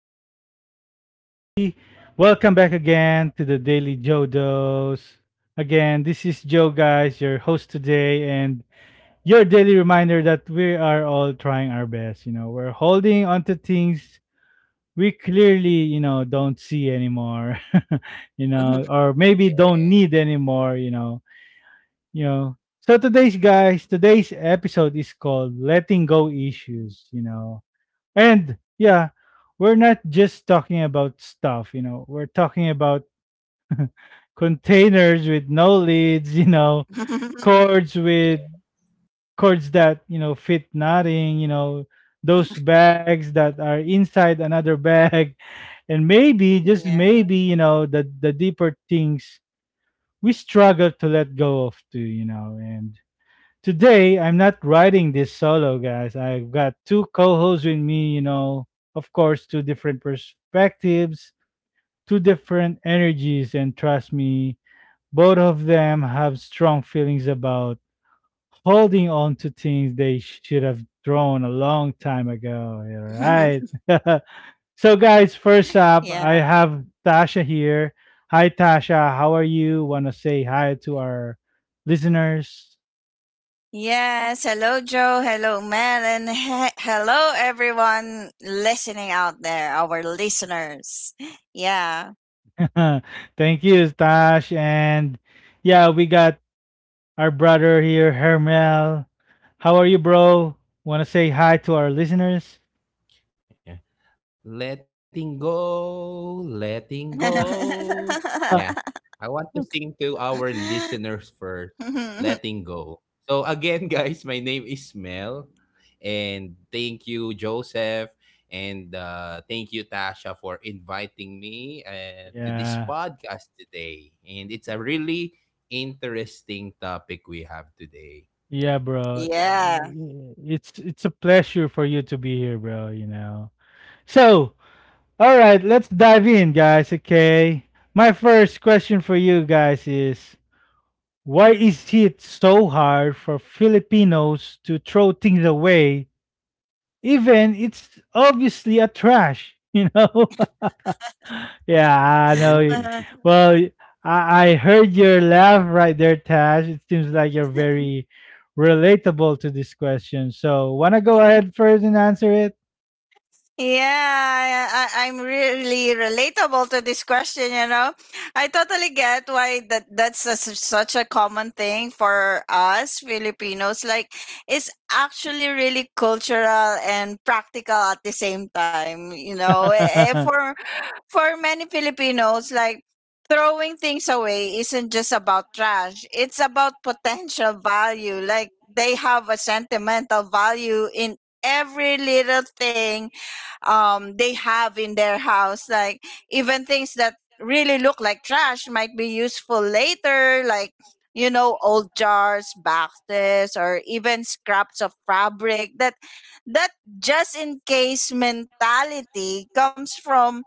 good, everybody? Welcome back again to the Daily Joe Jodos. Again, this is Joe, guys, your host today, and your daily reminder that we are all trying our best. We're holding onto things we clearly don't see anymore, or maybe don't need anymore, you know. So today's episode is called Letting Go Issues, and yeah, we're not just talking about stuff, we're talking about containers with no lids, cords with Yeah, cords that fit nothing, those bags that are inside another bag. And maybe, just maybe, the deeper things we struggle to let go of too, and today, I'm not riding this solo, guys. I've got two co hosts with me, of course, two different perspectives, two different energies, and trust me, both of them have strong feelings about holding on to things they should have thrown a long time ago. All right. So, guys, first up, yeah. I have Tasha here. Hi, Tasha. How are you? Want to say hi to our listeners? Yes. Hello, Joe. Hello, Mel. And hello, everyone listening out there, our listeners. Yeah. Thank you, Tash. And yeah, we got our brother here, Hermel. How are you, bro? Want to say hi to our listeners? yeah. Letting go, letting go. Yeah, Uh, I want to sing to our listeners first. Letting go. So again, guys, my name is Mel, and thank you, Joseph, and thank you, Tasha, for inviting me to this yeah, podcast today. And it's a really interesting topic we have today. yeah, Yeah. bro. yeah. It's a pleasure for you to be here, bro. So, all right, let's dive in, guys. Okay. My first question for you guys is why is it so hard for Filipinos to throw things away? Even it's obviously a trash, you know? Yeah, I know. Mm. Well, I heard your laugh right there, Tash. It seems like you're very relatable to this question. So, want to go ahead first and answer it? Yeah, I'm really relatable to this question. You know, I totally get why that's a, s such a common thing for us Filipinos. Like, it's actually really cultural and practical at the same time. You know, for many Filipinos, like throwing things away isn't just about trash, it's about potential value. Like they have a sentimental value in every little thing they have in their house. Like even things that really look like trash might be useful later, like you know, old jars, boxes, or even scraps of fabric that that just in case mentality comes from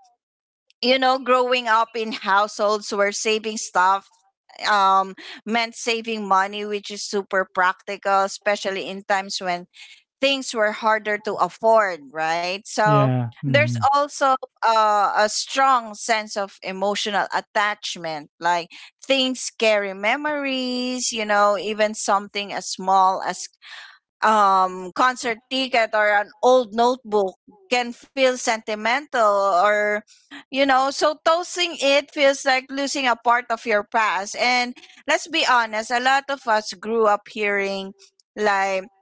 you know, growing up in households where saving stuff um, meant saving money, which is super practical, especially in times when things were harder to afford, right? So Yeah. there's Mhm. also a strong sense of emotional attachment. Like things carry memories, you know, even something as small as concert ticket or an old notebook can feel sentimental or you know, so tossing it feels like losing a part of your past. And let's be honest, a lot of us grew up hearing like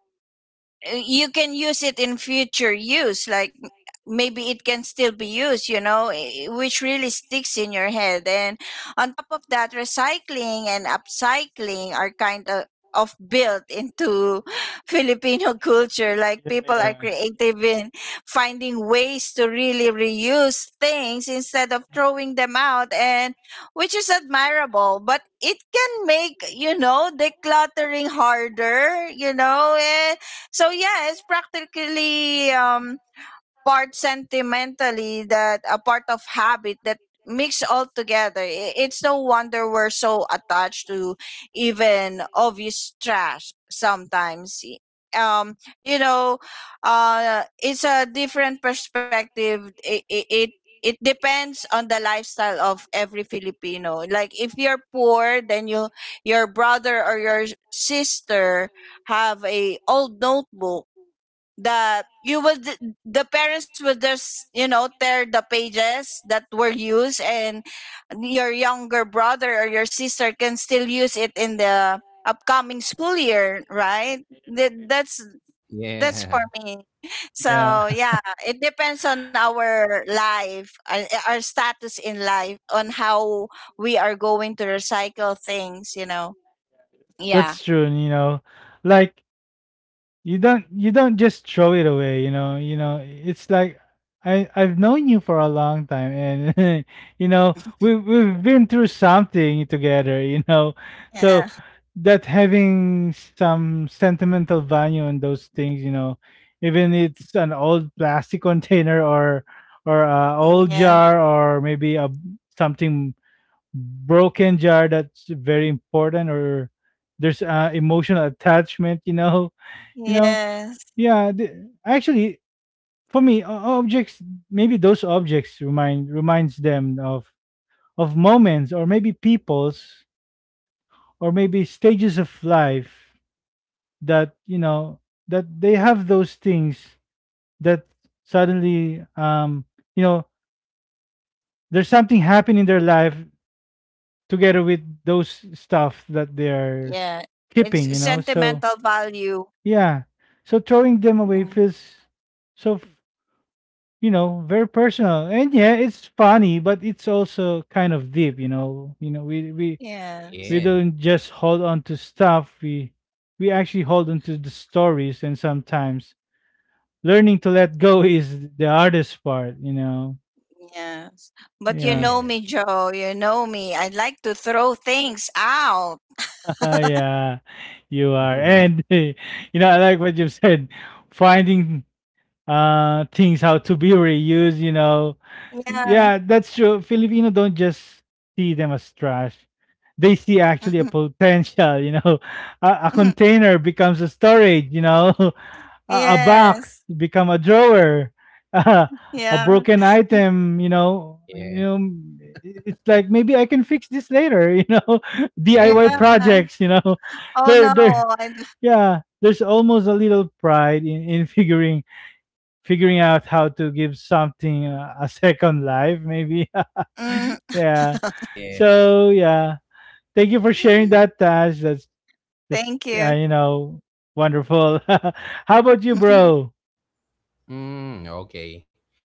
you can use it in future use, like maybe it can still be used, which really sticks in your head. And on top of that, recycling and upcycling are kind of built into Filipino culture. Like Yeah, people are yeah. creative in finding ways to really reuse things instead of throwing them out, and which is admirable, but it can make, you know, decluttering harder, you know. And so yeah, it's practically, part sentimentally, that a part of habit that mix all together. It's no wonder we're so attached to even obvious trash sometimes. Um you know it's a different perspective. It depends on the lifestyle of every Filipino. Like if you're poor, then you, your brother or your sister have a old notebook, the you would, the parents would just, you know, tear the pages that were used, and your younger brother or your sister can still use it in the upcoming school year, right? That's Yeah. for me. Yeah. So Yeah. yeah, it depends on our life, our status in life on how we are going to recycle things, you know. Yeah. That's true. Like, you don't just throw it away. It's like, I've known you for a long time and we've been through something together, so Uh, that, having some sentimental value on those things, even it's an old plastic container or a yeah. old Yeah. jar, or maybe a something broken jar that's very important, or there's emotional attachment you know Yes. yeah, actually, for me, objects, maybe those objects remind reminds them of moments, or maybe peoples, or maybe stages of life that, that they have those things that suddenly you know there's something happening in their life together with those stuff that they are Yeah, it's keeping. sentimental So value. yeah, so throwing them away Mm. feels so very personal, and yeah, it's funny, but it's also kind of deep. we we Yes. we Yeah. don't just hold on to stuff, we actually hold on to the stories, and sometimes learning to let go is the hardest part. Yes. But you Yeah. know me, Yeah. Joe. You know me. I like to throw things out. Yeah, you are. And I like what you have said, finding things how to be reused. Yeah. Yeah, that's true. Filipino don't just see them as trash, they see actually a Mhm. potential. A container becomes a storage. A box Yes. become a drawer, a Yeah. broken item you know you Yeah, know It's like, maybe I can fix this later. DIY yeah, Yeah. projects. Oh they're no. they're I yeah, there's almost a little pride in figuring out how to give something, a second life maybe. mm. Yeah. yeah. So yeah, thank you for sharing that, Tash. That's, that's Thank uh, you. you know wonderful. How about you, bro? Mm, okay.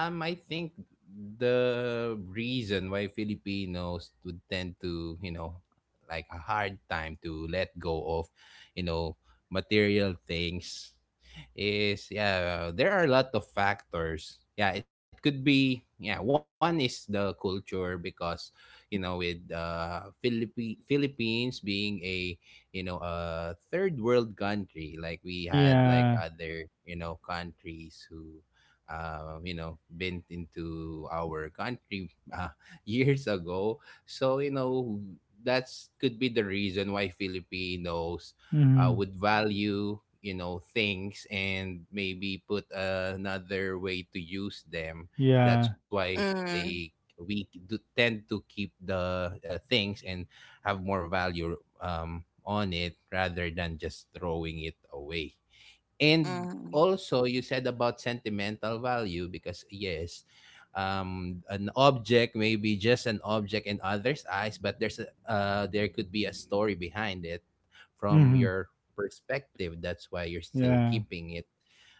Um, I think the reason why Filipinos would tend to, you know, like a hard time to let go of, you know, material things is yeah, there are a lot of factors. Yeah, it could be yeah. One is the culture because you know with Philippines being a you know a third world country like we had like Yeah. other you know countries who you know been into our country years ago so you know that's could be the reason why Filipinos Mm-hmm. Would value you know things and maybe put another way to use them Yeah. that's why Mm. they we do tend to keep the things and have more value on it rather than just throwing it away. And Mm. also you said about sentimental value because yes an object may be just an object in others eyes but there's there could be a story behind it from Mm-hmm. your perspective that's why you're still Yeah. keeping it.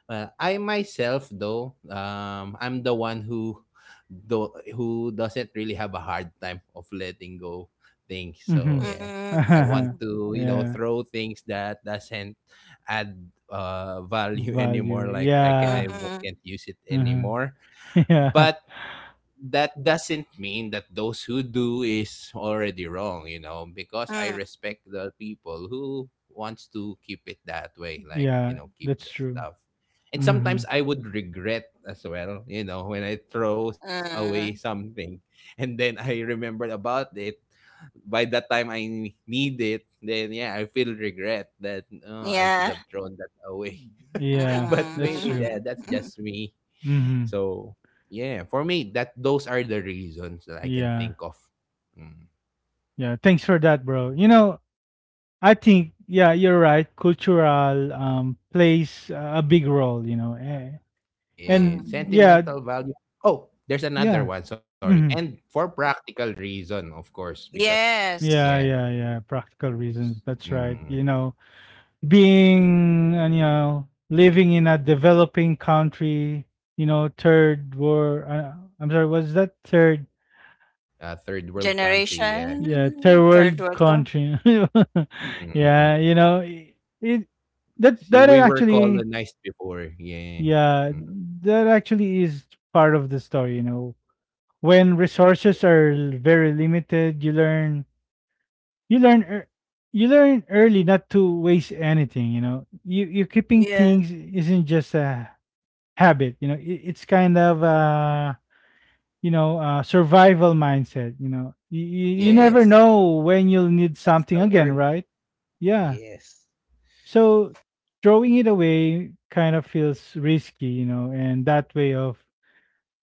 Well, I myself though, I'm the one who though, who doesn't really have a hard time of letting go things. Mm-hmm. So yeah, Mm. I want to you know Yeah, throw things that doesn't add value value, anymore. Like I can I yeah. wo- can't Mm. use it Uh-huh. anymore. Yeah. But that doesn't mean that those who do is already wrong, you know, because I Mm. respect the people who wants to keep it that way, like you Yeah, know, keep the that's true. stuff. And Mm-hmm. sometimes I would regret as well, you know, when I throw away Mm. something and then I remembered about it by the time I need it, then yeah, I feel regret that oh, I should Yeah. have thrown that away. Yeah, But that's maybe true. Mm. that's Mm. just me. Mm-hmm. So yeah, for me, that those are the reasons that I can Yeah. think of. Mm. Yeah, thanks for that, bro. I think, yeah, you're right. Cultural plays a big role. And Yeah, Mm. yeah, sentimental value. Oh, there's another yeah. one. Sorry, hmm and for practical reason, of course, because Yes. yeah, Yeah, yeah, yeah. Practical reasons. That's right. mm, Being and living in a developing country, third world, I'm sorry, was that third? a third world country. Yeah, Yeah, third Generation, third world world country. country. Yeah, mm, it that see, that we were actually colonized before. Yeah, yeah, mm. that actually is part of the story. When resources are very limited, you learn ear- you learn early not to waste anything. You keeping Yes. things isn't just a habit. It's kind of, survival mindset. You Mm-hmm. never Yes, know when you'll need that's something the again, word. right? Yeah. Yes, So throwing it away kind of feels risky, and that way of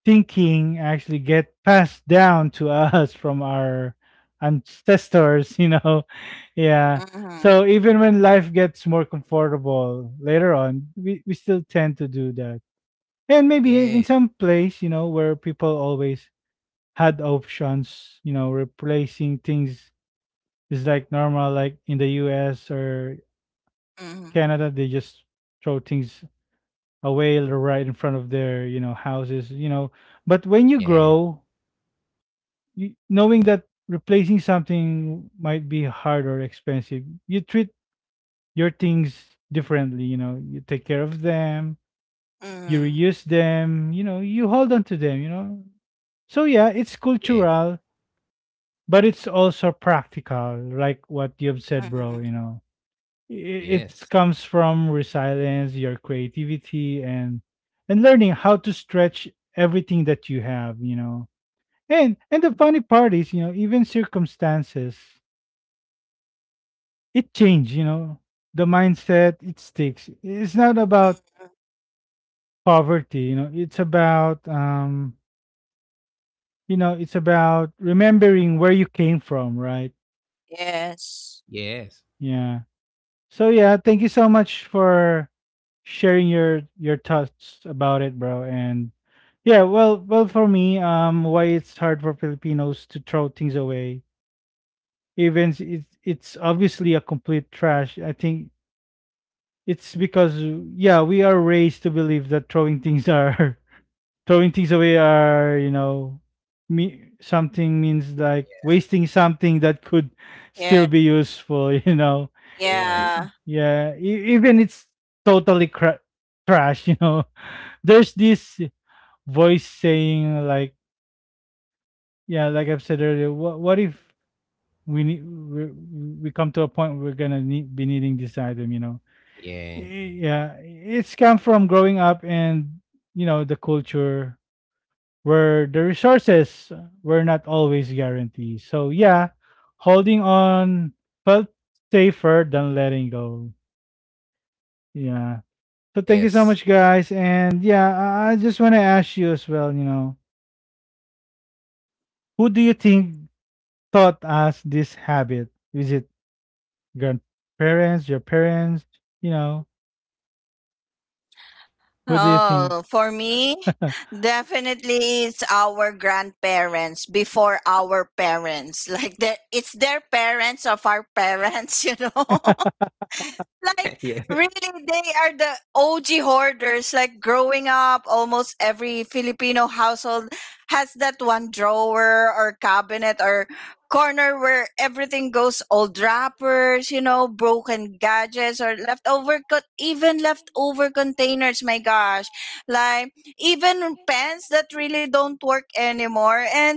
thinking actually get passed down to us from our ancestors. Yeah. So Mm-hmm. even when life gets more comfortable later on, we still tend to do that. And maybe in yeah, some place, where people always had options, replacing things is like normal, like in the US or Mm-hmm. Canada, they just throw things away right in front of their, houses. But when you yeah, grow, you, knowing that replacing something might be hard or expensive, you treat your things differently. You know, you take care of them, you Mm-hmm. reuse them, you hold on to them. So yeah, it's yeah, cultural, but it's also practical, like what you've said, bro. Mm-hmm. It yes. comes from resilience, your creativity, and learning how to stretch everything that you have. And the funny part is, even circumstances it changed, the mindset, it sticks. It's not about poverty, it's about, it's about remembering where you came from, right? Yes. Yes. Yeah. So yeah, thank you so much for sharing your thoughts about it, bro. And yeah, well, well, for me, why it's hard for Filipinos to throw things away, even it's obviously a complete trash. I think it's because, yeah, we are raised to believe that throwing things are throwing things away are me something, means like wasting something that could still Yeah. be useful. Yeah. Yes. yeah, even it's totally trash, you know. There's this voice saying like, yeah, like I've said earlier, what if we need we, we come to a point where we're gonna need, be needing this item. I- Yeah. yeah, it's come from growing up and the culture where the resources were not always guaranteed. So yeah, holding on felt safer than letting go. Yeah. So thank you so much, Yes. guys. And yeah, I just want to ask you as well. Who do you think taught us this habit? Is it grandparents, your parents? You know, who do you think? Oh, for me, definitely it's our grandparents before our parents. Like that, it's their parents of our parents, you know. Like yeah. really, they are the OG hoarders. Like growing up, almost every Filipino household has that one drawer or cabinet or corner where everything goes: old wrappers, you know, broken gadgets, or leftover even leftover containers, my gosh, like even pens that really don't work anymore. And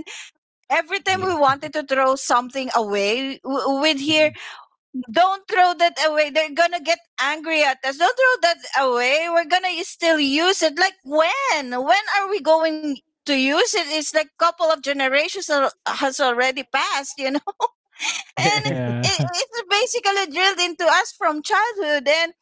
every time we Yeah. wanted to throw something away, we'd hear, Mhm. "Don't throw that away. They're gonna get angry at us. Don't throw that away. We're gonna still use it." Like when? When are we going to use it? It's like couple of generations has already passed, you know. And Yeah. it, Yeah. it's basically drilled into us from childhood. And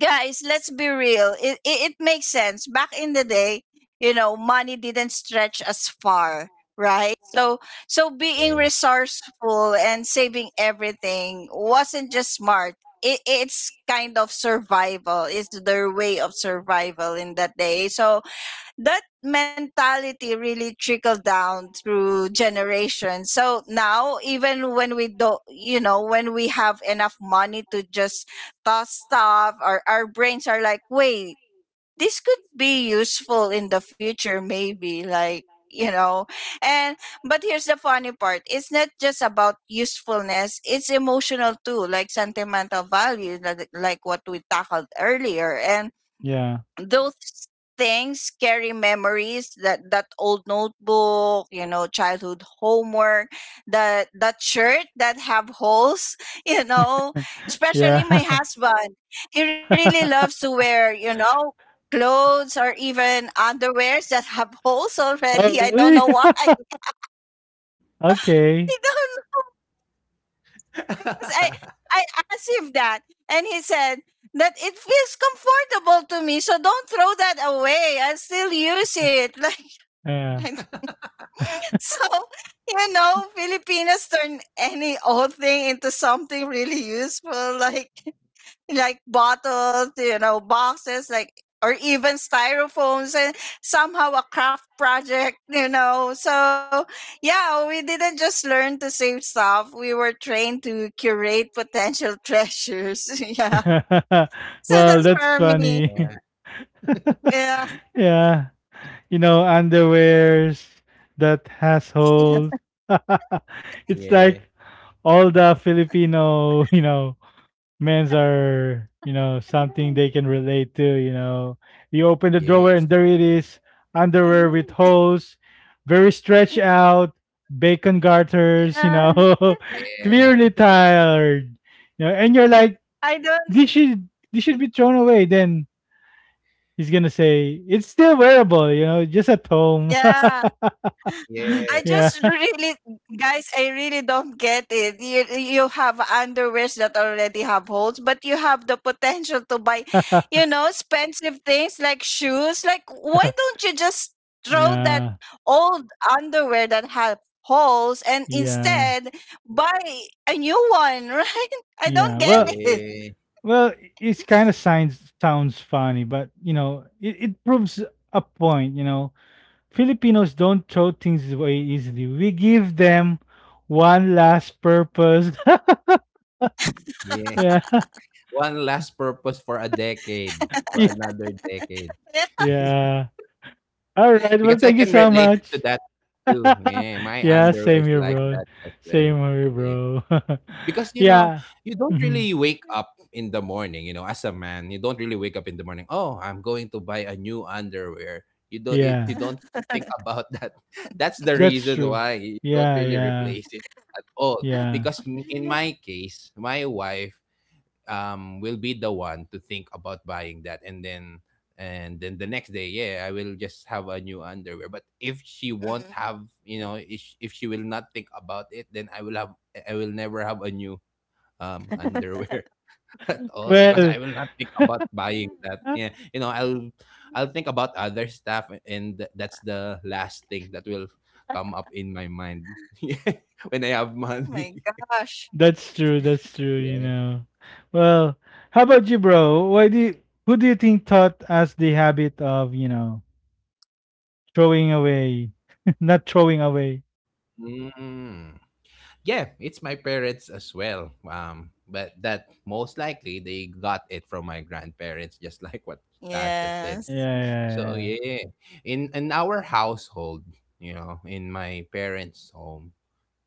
guys, let's be real, it makes sense. Back in the day, you know, money didn't stretch as far, right? So being Yeah. resourceful and saving everything wasn't just smart, it's kind of survival, it's their way of survival in that day. So that mentality really trickled down through generations. So now, even when we don't, you know, when we have enough money to just toss stuff, or our brains are like, wait, this could be useful in the future, maybe. Like, you know. And but here's the funny part, it's not just about usefulness, it's emotional too, like sentimental value, like what we tackled earlier. And Yeah, those things scary memories, that old notebook, you know, childhood homework, that shirt that have holes, you know, especially my yeah. husband. He really loves to wear, you know, clothes or even underwears that have holes already. Oh, I don't know really? why. I Okay. don't know, because I asked him that, and he said that it feels comfortable to me, so don't throw that away, I still use it. Like Yeah. I. So, you know, Filipinos turn any old thing into something really useful, like like bottles, you know, boxes, like or even styrofoams and somehow a craft project, you know. So yeah, we didn't just learn to save stuff. We were trained to curate potential treasures. Yeah. So Well, that's that's for me. funny. Yeah. Yeah, underwears that has yeah. holes. It's like Yeah. all the Filipino, men's are, something they can relate to. You open the drawer and Yes. there it is, underwear with holes, very stretched out, bacon garters. Uh, Yeah. clearly tired. And you're like, I this don't should be thrown away. Then he's gonna say, it's still wearable, just at home. yeah. Yes. I Yeah. just really, guys, I really don't get it. You have underwears that already have holes, but you have the potential to buy, you know, expensive things like shoes. Like, why don't you just throw that Yeah, old underwear that have holes and yeah, instead buy a new one, right? I yeah. don't get Well, it. Yeah. well, it's Yeah. kind of sounds funny, but it proves a point. Filipinos don't throw things away easily. We give them one last purpose. Yeah. Yeah. One last purpose for a decade, for another decade. Yeah. All right. Well, Because thank you I can so relate to much. that too. Yeah. My underwear Yeah, is like same here, that as bro. well. Same here, Yeah. bro. Because you know, Yeah. you don't Mhm. really wake up in the morning, you know, as a man, you don't really wake up in the morning oh, I'm going to buy a new underwear. You Yeah. don't think about that, that's the reason That's why true. you don't really Yeah, replace yeah, it at all. Because yeah. In my case, my wife will be the one to think about buying that, and then the next day yeah, I will just have a new underwear. But if she won't Mm. have, you know, if she will not think about it, then I will never have a new underwear at all because Well, I will not think about buying that. Yeah, you know, I'll think about other stuff, and that's the last thing that will come up in my mind. Yeah, when I have Oh money. my gosh. that's true. That's trueYeah. Well, how about you, bro? Why do you, who do you think taught us the habit of, throwing away, not throwing away? Mm. Yeah, it's my parents as well. But that most likely they got it from my grandparents, just like what Tasha said. Yeah, Yes. So yeah, yeah. yeah, in our household, you know, in my parents' home,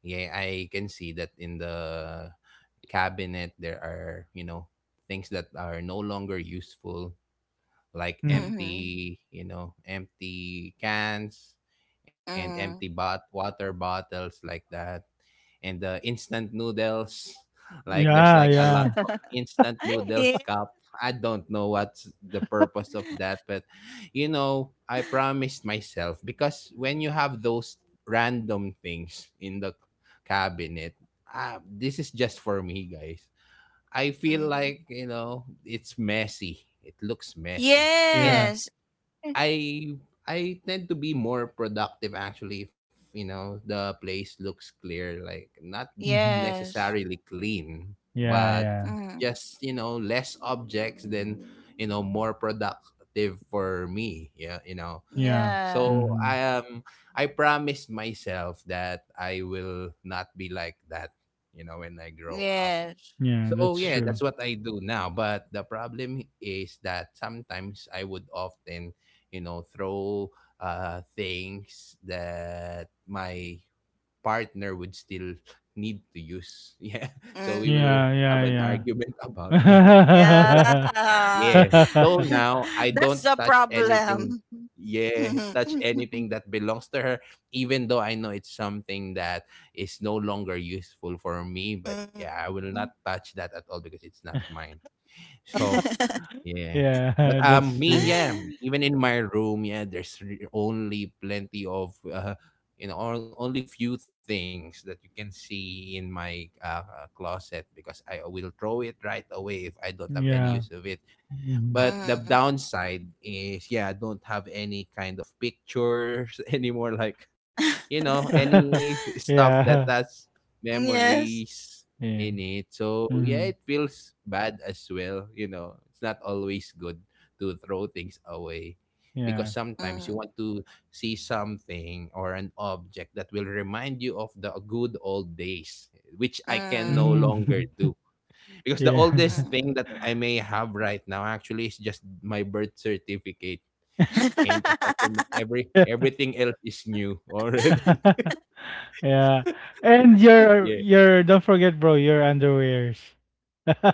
yeah, I can see that in the cabinet there are, you know, things that are no longer useful like Mhm. Mm-hmm. empty, you know, empty cans and empty Mm. bot water bottles like that. And the instant noodles, like there's Yeah, like a lot yeah, of instant Yeah. noodles cup. I don't know what's the purpose of that, but you know, I promised myself because when you have those random things in the cabinet, ah, this is just for me, guys. I feel Mm. like you know it's messy. It looks messy, and yeah. Yes. I I tend to be more productive actually if you know the place looks clear, like not hmm Yes. necessarily clean, Yeah, but yeah, Mm. just you know less objects, then you know more productive for me. Yeah, you know. yeah. Yeah. So hmm I am. I promised myself that I will not be like that. You know, when I grow up Yes. Yeah, so oh, that's yeah, that's true. what I do now. But the problem is that sometimes I would often, you know, throw things that my partner would still need to use. Yeah. So Mm. we will Yeah, have an yeah, argument about that. yeah. Yeah. Yeah. So now I That's don't the touch anything. problem. Yeah, Mhm. touch anything that belongs to her, even though I know it's something that is no longer useful for me. But yeah, Mhm. I will not touch that at all because it's not mine. So yeah. But Yeah, that's me true. yeah, even in my room yeah, only plenty of you know, or only few things that you can see in my closet because I will throw it right away if I don't have any use Yeah. of it. Mhm. But the Mhm. downside is, yeah, I don't have any kind of pictures anymore. Like, you know, any stuff that Yeah. has yes. memories Yeah. in it. So, yeah, Mhm. it feels bad as well. You know, it's not always good to throw things away because Yeah. sometimes you Mm. want to see something or an object that will remind you of the good old days, which I can no Mm. Mm. longer do because the Yeah. oldest Mm. thing that I may have right now actually is just my birth certificate. And apart from that, everything else is new already. Yeah. And your Yeah. your don't forget, bro, your underwears.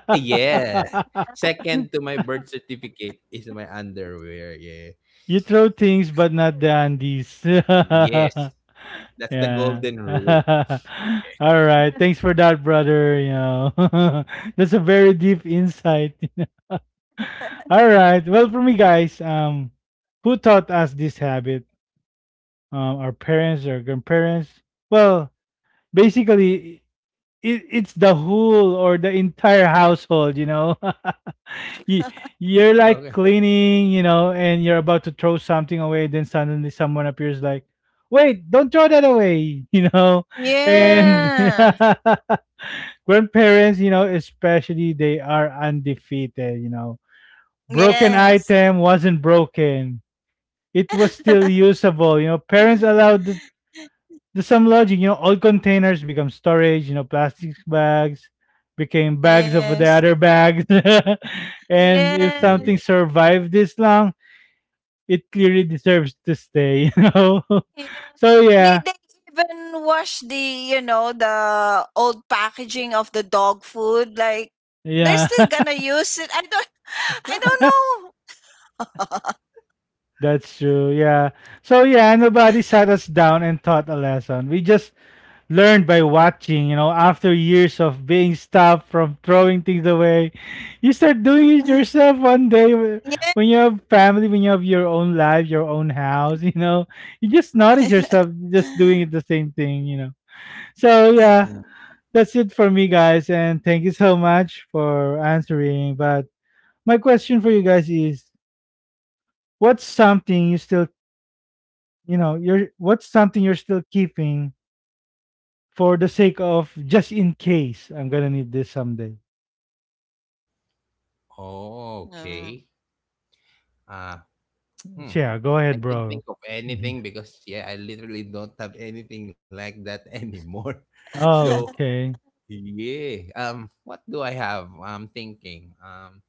Eh, yeah. Second to my birth certificate is my underwear. Yeah. You throw things, but not the undies. Yes. That's the Yeah. golden rule. All right. Thanks for that, brother. That's a very deep insight. All right. Well, for me, guys, who taught us this habit? Our parents or grandparents? Well, basically, it's the whole or the entire household. You, you're like Okay. cleaning, and you're about to throw something away. Then suddenly someone appears like, wait, don't throw that away, Yeah. And yeah. grandparents, especially, they are undefeated. Broken Yes. item wasn't broken. It was still usable. You know, parents allowed there's some logic, you know, old containers become storage, you know, plastic bags became bags of the Yes. other bags. And if something Yeah. survived this long, it clearly deserves to stay, you know. Yes. So yeah, They even wash the, you know, the old packaging of the dog food. Like they're yeah, still gonna use it. I don't I don't that's true. Yeah. So yeah, nobody sat us down and taught a lesson. We just learned by watching, you know, after years of being stopped from throwing things away, you start doing it know. yourself one day yeah. when you have family, when you have your own life, your own house, you know, you just notice yourself just doing it the same thing, you know. So, yeah, Mm. that's it for me, guys. And thank you so much for answering. But my question for you guys is what's something you still, what's something you're still keeping for the sake of just in case I'm gonna need this someday. Oh, okay. Ah. Hmm. Yeah, go I ahead, can not think bro. of Mhm. anything because yeah, I literally don't have anything like that anymore. So Oh, okay. yeah. What do I have? I'm thinking.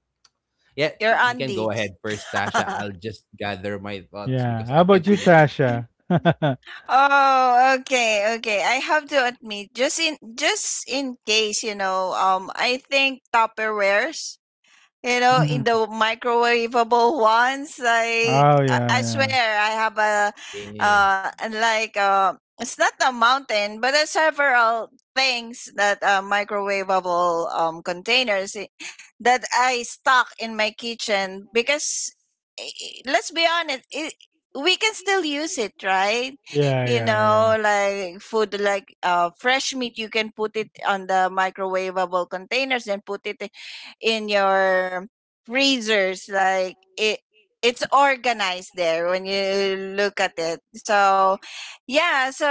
Yeah, Your you can go auntie. ahead first, Tasha. I'll just gather my thoughts Yeah. because How I can't about you, really think of Tasha? Oh, okay, okay. I have to admit, just in case, you know, I think Tupperwares. You know, in Mhm. the microwavable ones, like Oh, yeah, I yeah. swear I have a any. And like it's not a mountain, but there's several things that are microwavable containers that I stock in my kitchen because let's be honest, it, we can still use it, right? Yeah, You yeah, yeah. know, like food, like fresh meat, you can put it on the microwavable containers and put it in your freezers. Like it, it's organized there when you look at it. So yeah, so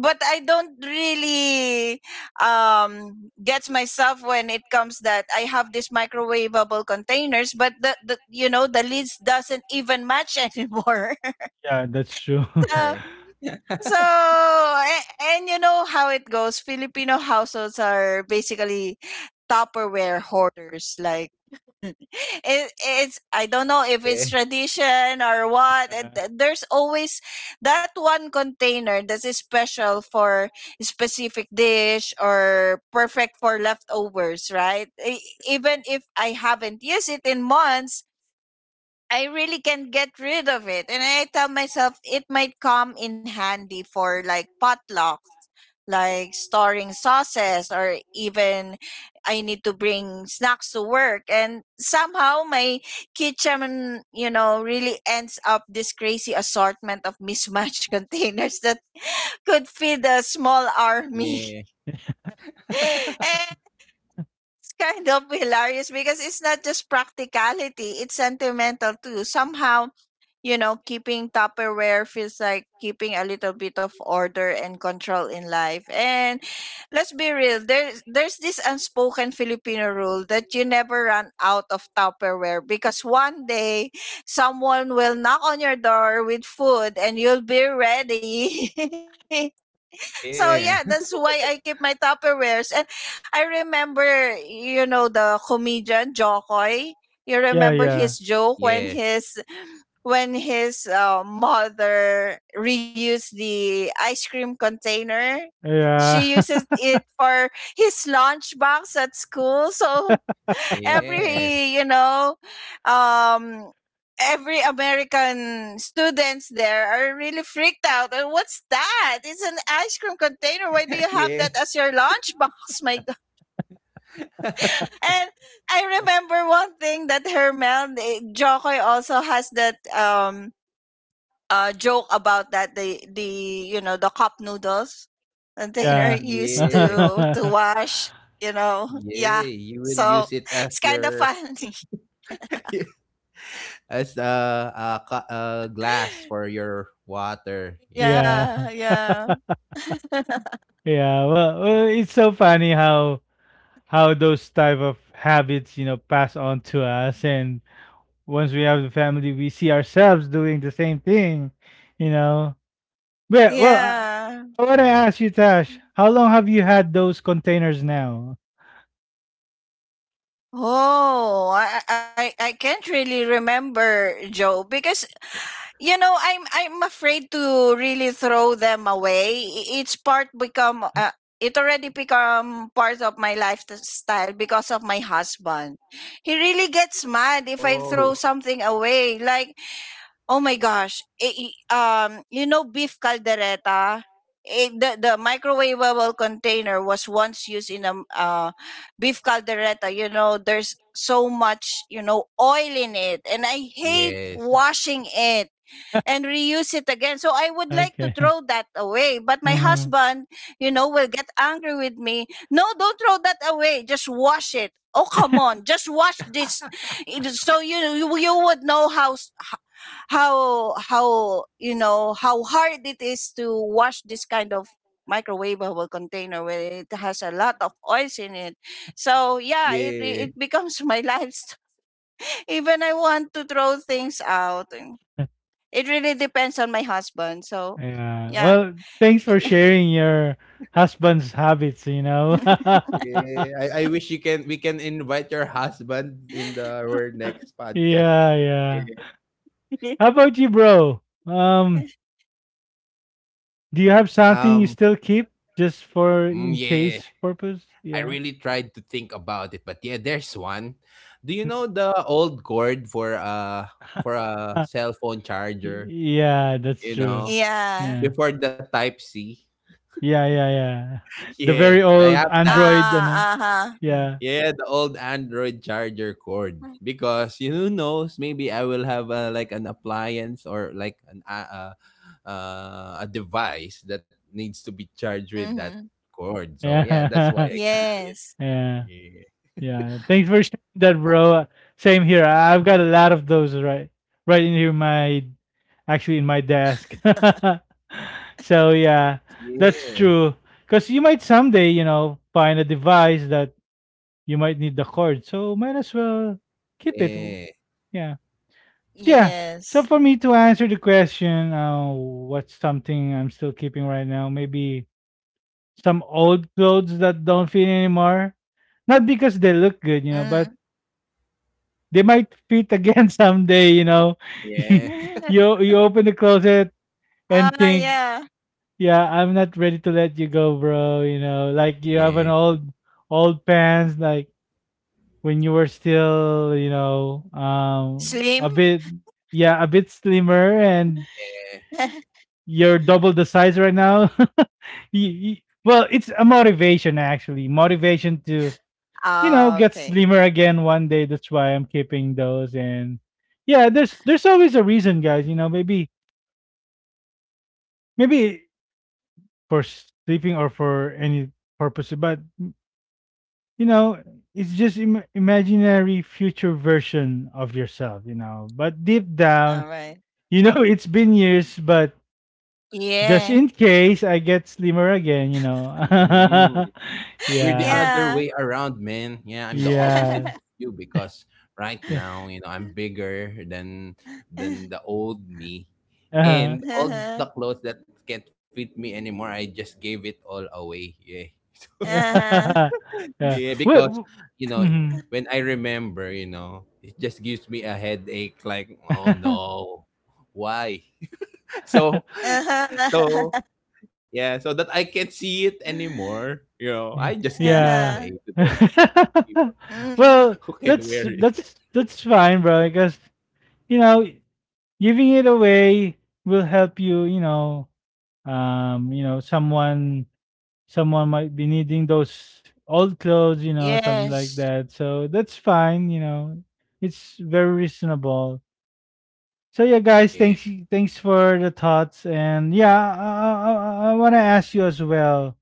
but I don't really, um, gets myself when it comes that I have these microwavable containers, but the you know, the lids doesn't even match anymore. Yeah, that's true. Yeah. So Yeah. so, and you know how it goes, Filipino households are basically Tupperware hoarders, like it, it's, I don't know if Yeah. it's tradition or what. And there's always that one container that is special for specific dish or perfect for leftovers, right? E- Even if I haven't used it in months, I really can't get rid of it. And I tell myself it might come in handy for like potlucks, like storing sauces, or even I need to bring snacks to work. And somehow my kitchen, you know, really ends up this crazy assortment of mismatched containers that could feed a small army. Yeah. And it's kind of hilarious because it's not just practicality, it's sentimental too. Somehow, you know, keeping Tupperware feels like keeping a little bit of order and control in life. And let's be real, there's this unspoken Filipino rule that you never run out of Tupperware because one day someone will knock on your door with food and you'll be ready. So yeah, that's Yeah. why I keep my Tupperwares. And I remember, you know, the comedian Jokoy. You Yeah, remember his yeah, joke when Yes. his mother reused the ice cream container. She yeah, uses it for his lunchbox at school. So Yeah. every, you know, um, every American students there are really freaked out. What's that, it's an ice cream container, why do you have Yeah. that as your lunchbox? My god. And I remember one thing that Hermel, eh, Jokoy also has that um, uh, joke about that the you know, the cup noodles container yeah, used Yeah. To yeah, wash, you know. Yeah. Yeah, You will so use it as it's kind of your funny. as a ca a glass for your water. Yeah, yeah. Yeah, yeah. Yeah. Well, it's so funny how those type of habits, you know, pass on to us, and once we have the family, we see ourselves doing the same thing, you know. Well, Yeah. I want to yeah. ask you, Tash, how long have you had those containers now? Oh, I I can't really remember, Joe, because you know I'm afraid to really throw them away. It's part become it already become part of my lifestyle because of my husband. He really gets mad if I Oh. throw something away. Like, oh my gosh. Eh, you know beef caldereta? Eh, the microwavable container was once used in a uh, beef caldereta. You know, there's so much, you know, oil in it. And I hate Yes. washing it and reuse it again. So I would like to Okay. throw that away. But my Hmm. husband, you know, will get angry with me. No, don't throw that away. Just wash it. Oh, come on. Just wash this. So you would know how you know how hard it is to wash this kind of microwavable container where it has a lot of oils in it, so yeah, it Yeah, it becomes my lifestyle. Even I want to throw things out, it really depends on my husband. So, Yeah. yeah. Well, thanks for yeah, sharing your husband's habits, you know. yeah. I wish you can we can invite your husband in the our next podcast. Yeah, yeah. Yeah. How about you, bro? Um, do you have Um, something you still keep just for in yeah. case purpose? I Yeah. really tried to think about it, but yeah, there's one. Do you know the old cord for Uh, a cell phone y- charger, yeah, that's you true. know, Yeah. Yeah. before the type C? Yeah, yeah, yeah. The Yeah, very I old have that. Ah, Android, ano? uh-huh. Yeah. Yeah, the old Android charger cord. Because you who knows, maybe I will have a, like an appliance or like an a device that needs to be charged with Mm-hmm. that cord. So yeah, that's why Yeah. I keep it. Yes. Yeah. Yeah, Yeah. Thanks for sharing that, bro. Same here. I've got a lot of those right right in here my actually in my desk. So yeah, yeah, that's true. Cause you might someday, you know, find a device that you might need the cord. So might as well keep it. W- yeah, Yeah. Yeah. Yes. So for me to answer the question, what's something I'm still keeping right now? Maybe some old clothes that don't fit anymore, not because they look good, you know, Mm. but they might fit again someday, you know. You yeah, you open the closet and Ah, think, yeah. yeah, I'm not ready to let you go, bro, you know. Like you have an yeah. old pants like when you were still, you know, um, Slim? a bit yeah, a bit slimmer and you're double the size right now. You- you- well, it's a motivation actually, motivation to, you know, Ah, get okay. slimmer again one day. That's why I'm keeping those. And yeah, there's always a reason, guys. You know, maybe maybe for sleeping or for any purpose, but you know, it's just imaginary future version of yourself. You know, but deep down, All right. you know, it's been years, but just Yeah. in case I get slimmer again, you know. Mm. We're the Yeah, other Yeah. way around, man. Yeah, I'm the opposite yeah, of you because right yeah, now, you know, I'm bigger than Uh-huh. The old me. uh-huh. And all the clothes that can't fit me anymore, I just gave it all away. Yeah. Uh-huh. Yeah. Yeah. Yeah, because Well, you know, when I remember, you know, it just gives me a headache like, oh no. Why? So Uh-huh. so yeah, so that I can't see it anymore. You know, I Y just gave it yeah. away Uh-huh. to those people. Mm. Well, Who can wear that's it? that's that's fine, bro, because, you know, giving it away will help you, you know, someone might be needing those old clothes, you know, something like Yes. that. So that's fine, you know. It's very reasonable. So yeah, guys, Yeah. thanks for the thoughts. And yeah, I want to ask you as well.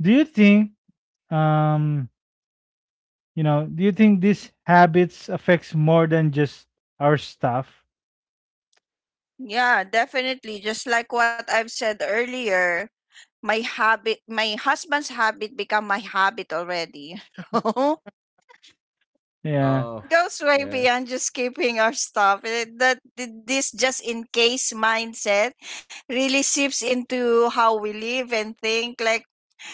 Do you think um, you know, do you think these habits affects more than just our stuff? Yeah, definitely. Just like what I've said earlier, my husband's habit become my habit already. Yeah, Oh, So it goes way yeah. beyond just keeping our stuff. This just in case mindset really seeps into how we live and think, like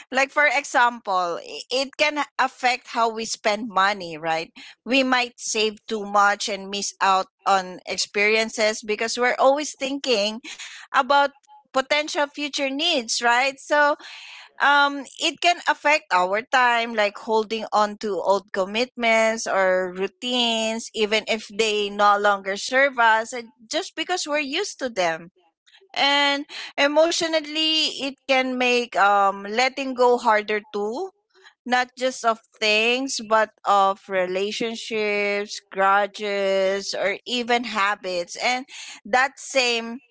like for example, it can affect how we spend money, right? We might save too much and miss out on experiences because we're always thinking about potential future needs, right? So it can affect our time, like holding on to old commitments or routines even if they no longer serve us, just because we're used to them. And emotionally, it can make, letting go harder too, not just of things, but of relationships, grudges, or even habits. And that same,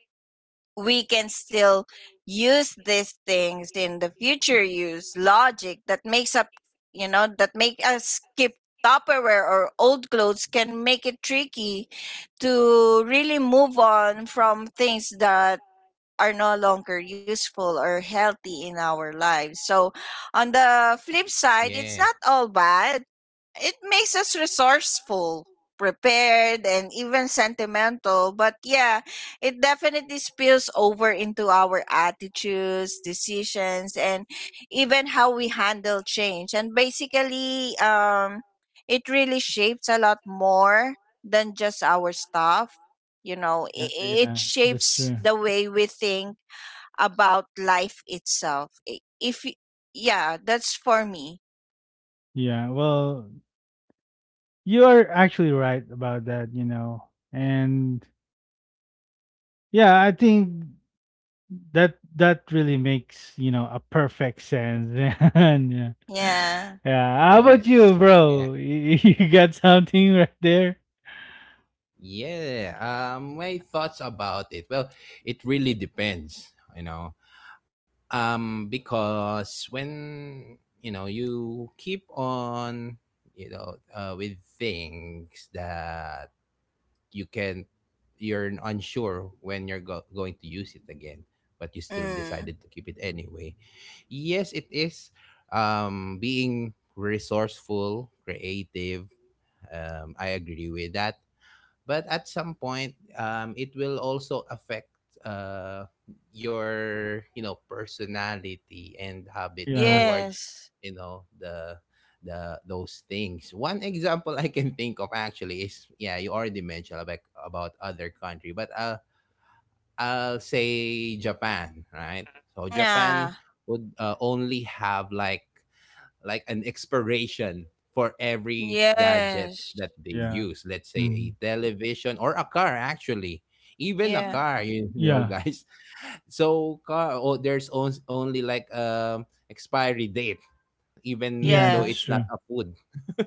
we can still use these things in the future, use logic that makes up, you know, that make us keep tupperware or old clothes, can make it tricky to really move on from things that are no longer useful or healthy in our lives. So, on the flip side, it's Yeah. not all bad. It makes us resourceful, prepared, and even sentimental. But yeah, it definitely spills over into our attitudes, decisions, and even how we handle change. And basically, it really shapes a lot more than just our stuff. You know, yeah, yeah. it That's shapes true. the way we think about life itself. I- if y- Yeah, that's for me. Yeah. Well, you are actually right about that. You know, and yeah, I think that really makes you know a perfect sense. And yeah. Yeah. Yeah, how about you, Yes. Yeah. bro? You got something right there? Yeah. My thoughts about it. Well, it really depends, you know. Because when you know you keep on, you know, with things that you can you're unsure when you're going to use it again, but you still Mm. decided to keep it anyway. Yes, it is being resourceful, creative, I agree with that. But at some point, it will also affect uh your you know personality and habit Yeah, towards Yes. you know the those things. One example I can think of actually is yeah, you already mentioned about other country, but I'll say Japan, right? So Yeah. Japan would only have like an expiration for every gadget Yes. that they yeah, use. Let's say a mhm. television or a car, actually. Even a Yeah. car, you know, Yeah, guys. So car, oh, there's only like expiry date, yeah, even though Yeah. that's it's not true. a food.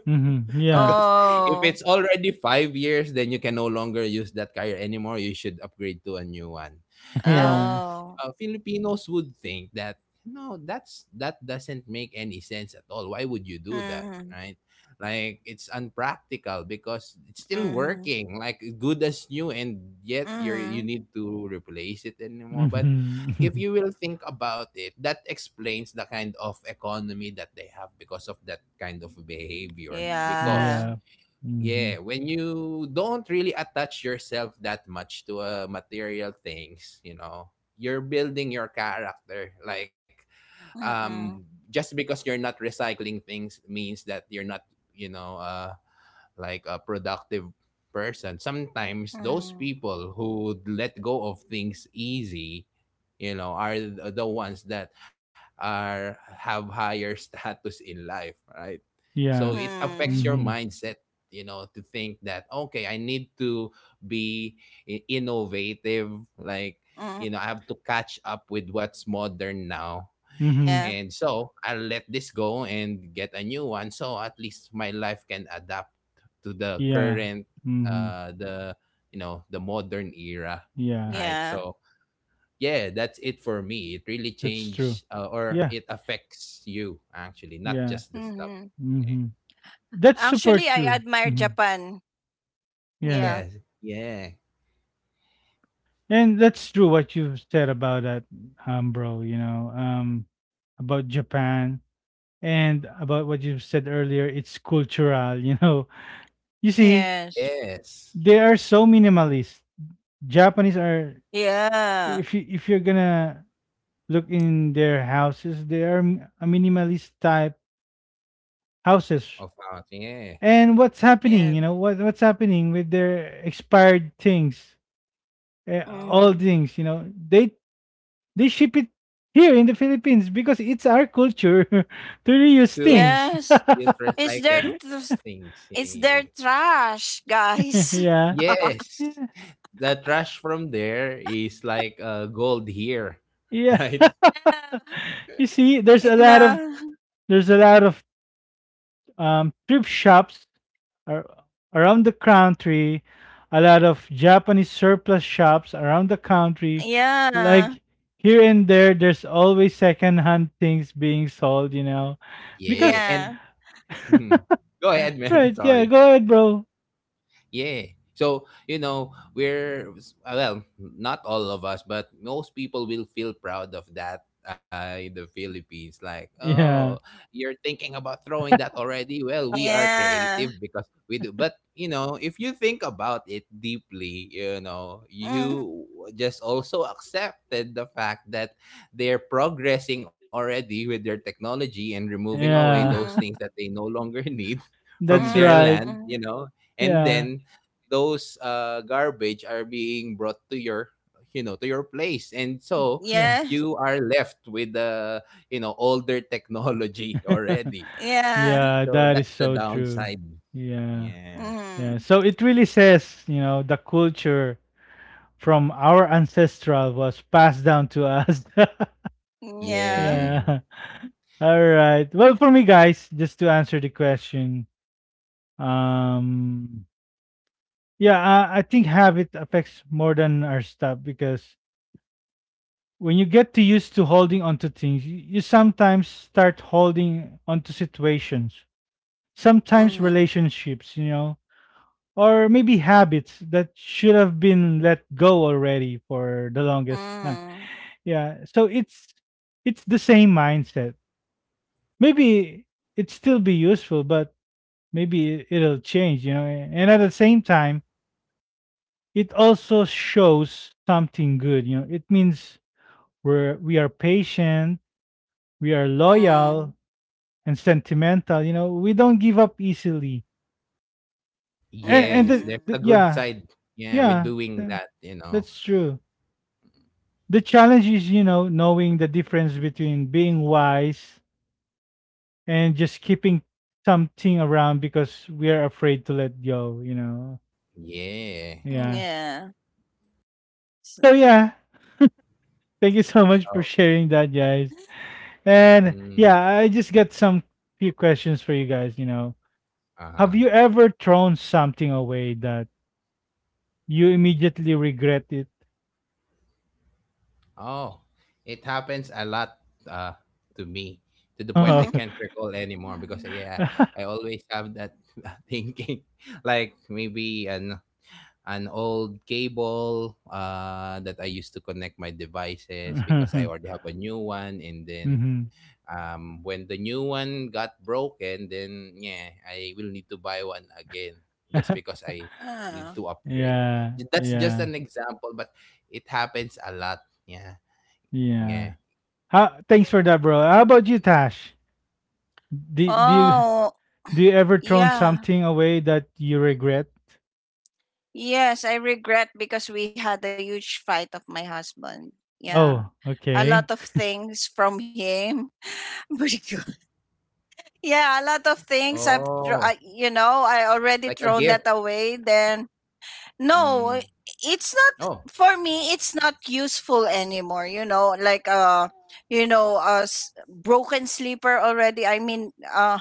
Hmm, yeah. Because if it's Oh. already 5 years, then you can no longer use that car anymore. You should upgrade to a new one. Now, Yes. Oh. Filipinos would think that no, that doesn't make any sense at all. Why would you do that, Mm-hmm. right? Like it's unpractical because it's still Mm-hmm. working, like good as new, and yet you Mm-hmm. need to replace it anymore. But Hmm. if you will think about it, that explains the kind of economy that they have because of that kind of behavior. Because, Yeah. Yeah. Mhm. yeah, when you don't really attach yourself that much to material things, you know, you're building your character. Mm-hmm. Just because you're not recycling things means that you're not, you know, uh, like a productive person. Sometimes those Mm-hmm. people who let go of things easy, you know, are the ones that are have higher status in life, right? So Yeah. it affects your Mhm. mindset, you know, to think that, okay, I need to be innovative, like, Mm-hmm. you know, I have to catch up with what's modern now. Mhm. Yeah. And so I'll let this go and get a new one. So at least my life can adapt to the Yeah. current, Mhm. The, you know, the modern era. Yeah. Right. Yeah. So yeah, that's it for me. It really That's true. changed or Yeah. it affects you actually, not Yeah. just the stuff. Mm-hmm. Yeah. Mhm. That's super Actually, I true. admire Mhm. Japan. Yeah. Yeah. Yes. Yeah. And that's true what you said about that, bro, you know, about Japan and about what you said earlier, it's cultural, you know. You see, Yes. Yes. they are so minimalist. Japanese are, Yeah. if you if you're gonna look in their houses. They are a minimalist type houses. Of ours. Yeah. And what's happening? Yes. You know what what's happening with their expired things, eh, all Mm. things. You know they ship it here in the Philippines because it's our culture to reuse To things. Yes. use It's their recycled tr- things. it's their Yeah. trash, guys. Yeah, Yes. yeah. The trash from there is like gold here, Yeah. right? You see, there's Yeah. a You lot of know. there's a lot of thrift shops are around the country, a lot of Japanese surplus shops around the country. Yeah. Like here and there, there's always secondhand things being sold, you know. Yeah. Because, And Yeah. go ahead, man. right, yeah, Sorry. go ahead, bro. Yeah. So, you know, we're, well, not all of us, but most people will feel proud of that in the Philippines. Like, oh, Yeah, you're thinking about throwing that already? Well, we are Yeah. creative because we do. But, you know, if you think about it deeply, you know, Mm. you just also accepted the fact that they're progressing already with their technology and removing away those yeah, things Mm-hmm. that they no longer need from that's their right. land, you Mm. know, and Yeah, then those garbage are being brought to your, you know, to your place. And so yeah. Yes. you are left with the, you know, older technology already. Yeah. Yeah, So that is that's the so true. downside. Yeah. Yeah. Yeah. Mm. So it really says, you know, the culture from our ancestral was passed down to us. Yeah. Yeah. Yeah. All right. Well, for me, guys, just to answer the question, um, yeah, I think habit affects more than our stuff because when you get too used to holding onto things, you sometimes start holding onto situations, sometimes Mm. relationships, you know, or maybe habits that should have been let go already for the longest time. Mm. Yeah, so it's the same mindset. Maybe it still be useful, but maybe it'll change, you know. And at the same time, it also shows something good, you know. It means we are patient, we are Mm. loyal and sentimental, you know. We don't give up easily. And Yes, Mm. there's a good yeah, side. Yeah, we're yeah, doing yeah, that, you know. that's true. The challenge is, you know, knowing the difference between being wise and just keeping something around because we are afraid to let go, you know. Yeah. Yeah. Yeah. S- So yeah, thank you so much for Okay. sharing that, guys. And Mm. yeah, I just got some few questions for you guys, you know. Have Uh-huh. you ever thrown something away that you immediately regret it? Oh, it happens a lot to me, to the point Oh. I can't recall anymore. Because yeah, I always have that thinking, like maybe an old cable that I used to connect my devices, because I already have a new one. And then Mhm. When the new one got broken, then yeah, I will need to buy one again, just because I Ah. need to upgrade. Yeah, That's just yeah, an example, but it happens a lot. Yeah. Yeah. yeah. How, thanks for that, bro. How about you, Tash? Do, do you Oh, Do you ever thrown yeah. something away that you regret? Yes, I regret because we had a huge fight of my husband. Yeah. Oh, A okay. lot of things from him. Pretty good. Yeah, a lot of things Oh, I've, I, you know, I like a already gift. thrown that away. Then, Mm. no, it's Oh, not, for me, it's not useful anymore. You know, like, you know, a broken sleeper already. I mean,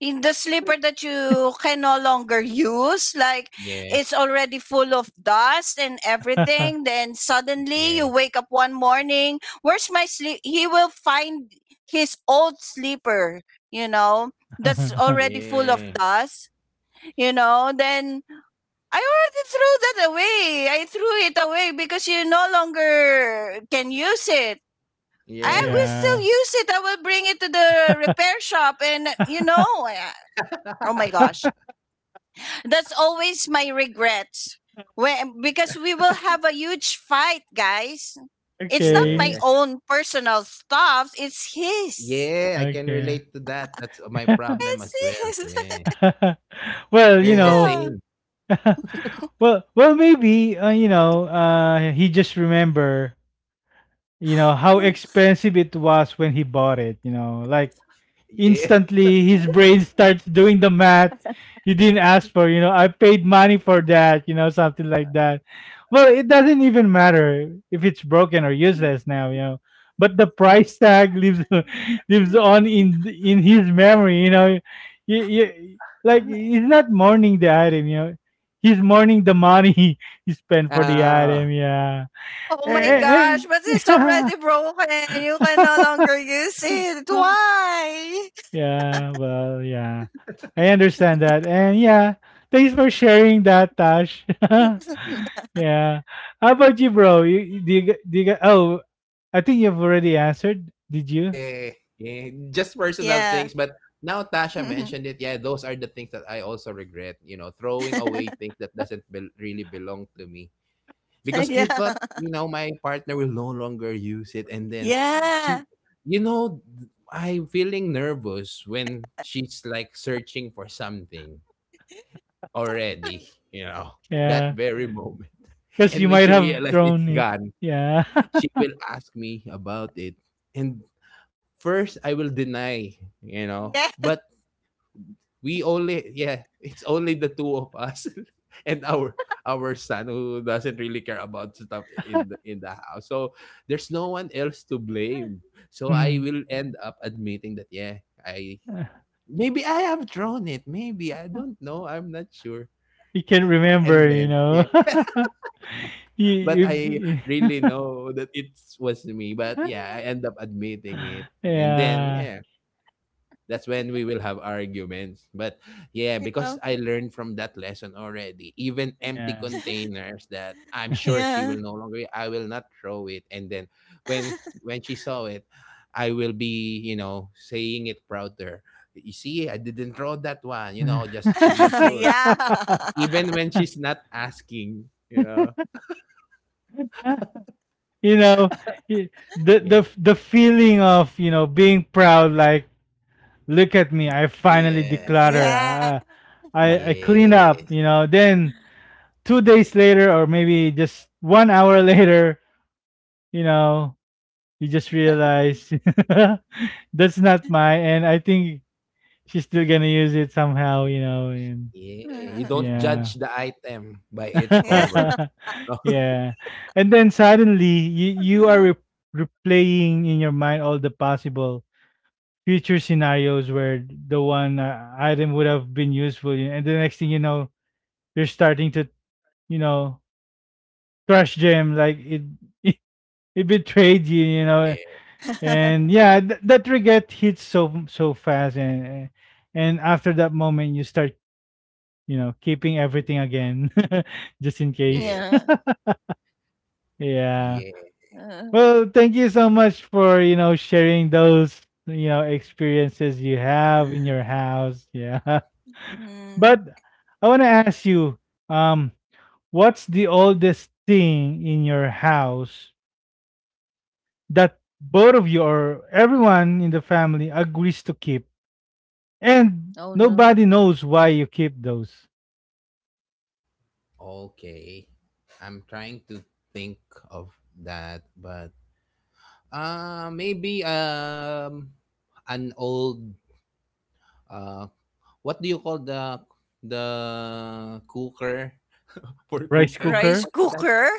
in the slipper that you can no longer use, like yeah, it's already full of dust and everything. Then suddenly you yeah, wake up one morning, where's my sleep? He will find his old slipper, you know, that's already full of yeah, dust, you know. Then I already threw that away. I threw it away because you no longer can use it. I yeah. will still Yeah. use it, I will bring it to the repair shop, and you know I- oh my gosh, that's always my regrets. When, because we will have a huge fight, guys. It's not my Yeah, Okay. own personal stuff, it's yeah. his. I can relate to Okay. that. That's my problem as It's well. his. Yeah, we're Well, you the know. same. Yeah. Well, well, maybe you know. He just remember. You know how expensive it was when he bought it. You know, like Yeah. instantly his brain starts doing the math. You didn't ask for, you know, I paid money for that, you know, something like that. Well, it doesn't even matter if it's broken or useless now, you know, but the price tag lives lives on in his memory, you know. You like, he's not mourning the item, you know, he's mourning the money he spent for the Ah, item, yeah. Oh my yeah, and, gosh, but it's and- already broken. You can no longer use it. Why? Yeah, well, yeah. I understand that. And yeah, thanks for sharing that, Tash. Yeah. How about you, bro? Oh, I think you've already answered. Did you? yeah, yeah. Just personal Yeah. things, but now Tasha mentioned it. Yeah, those are the things that I also regret. You know, throwing away things that doesn't bel really belong to me. Because Yeah. I thought, you know, my partner will no longer use it. And then Yeah. Yeah. she, you know, I'm feeling nervous when she's like searching for something already, you know, that Yeah. very moment. Because And you when might she have realizes thrown it's it. gone, Yeah. she will ask me about it. And first, I will deny, you know, but we only, yeah, it's only the two of us and our son, who doesn't really care about stuff in the house. So there's no one else to blame. So I Mhm. will end up admitting that, yeah, I Uh, maybe I have drawn it, maybe, I don't know, I'm not sure. you can't And remember, you then know. yeah, you, but you, I you- really know that it was me. But yeah, I end up admitting it. And then yeah. yeah, that's when we will have arguments. But yeah, because I learned from that lesson already, even empty containers that I'm Yeah. sure she Yeah. will no longer, I will not throw it. And then when when she saw it, I will be, you know, saying it prouder. You see, I didn't throw that one, you know, just to be Yeah. sure. Even when she's not asking, you know. You know, y- the Yeah. Feeling of, you know, being proud, like, look at me, I finally Yeah. declutter, Yeah. I clean up, Yes. you know, then 2 days later or maybe just one hour later, you know, you just realize that's not mine. And I think she's still gonna use it somehow, you know. And Yeah. You don't yeah. judge the item by its Yeah. cover. Yeah. And then suddenly you are replaying in your mind all the possible future scenarios where the one item would have been useful. You- and the next thing you know, you're starting to, you know, crush them like it it, betrayed you, you know. Yeah. And yeah, that regret hits so fast. And after that moment, you start, you know, keeping everything again. Just in case. Yeah. Yes. Yeah. Yeah, Uh, Well, thank you so much for, you know, sharing those, you know, experiences you have in your house. Yeah. mm. But I want to ask you, um, what's the oldest thing in your house that both of you or everyone in the family agrees to keep, and Oh no. nobody knows why you keep those? okay. I'm trying to think of that, but maybe an old uh what do you call the cooker for Rice cooking? Rice cooker? What's that? cooker?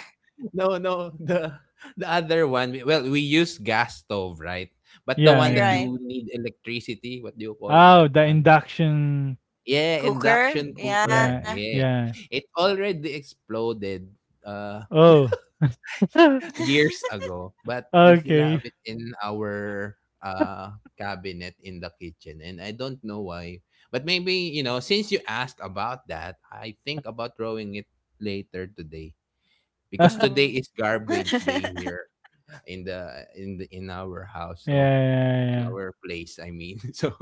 No, no, the other one. Well, we use gas stove, right? But the Yeah, one All that yeah. right. you need electricity, what do you call Oh, that the one? induction. Yeah, Cooker? induction Yeah. cooker. Yeah, Yeah. yeah. It already exploded. Uh Oh, Years ago, but we still have okay. it in our uh cabinet in the kitchen, and I don't know why. But maybe, you know, since you asked about that, I think about throwing it later today, because Yeah, today is Mm-hmm. garbage day here in the in the in our house. So in yeah, our place, I mean. So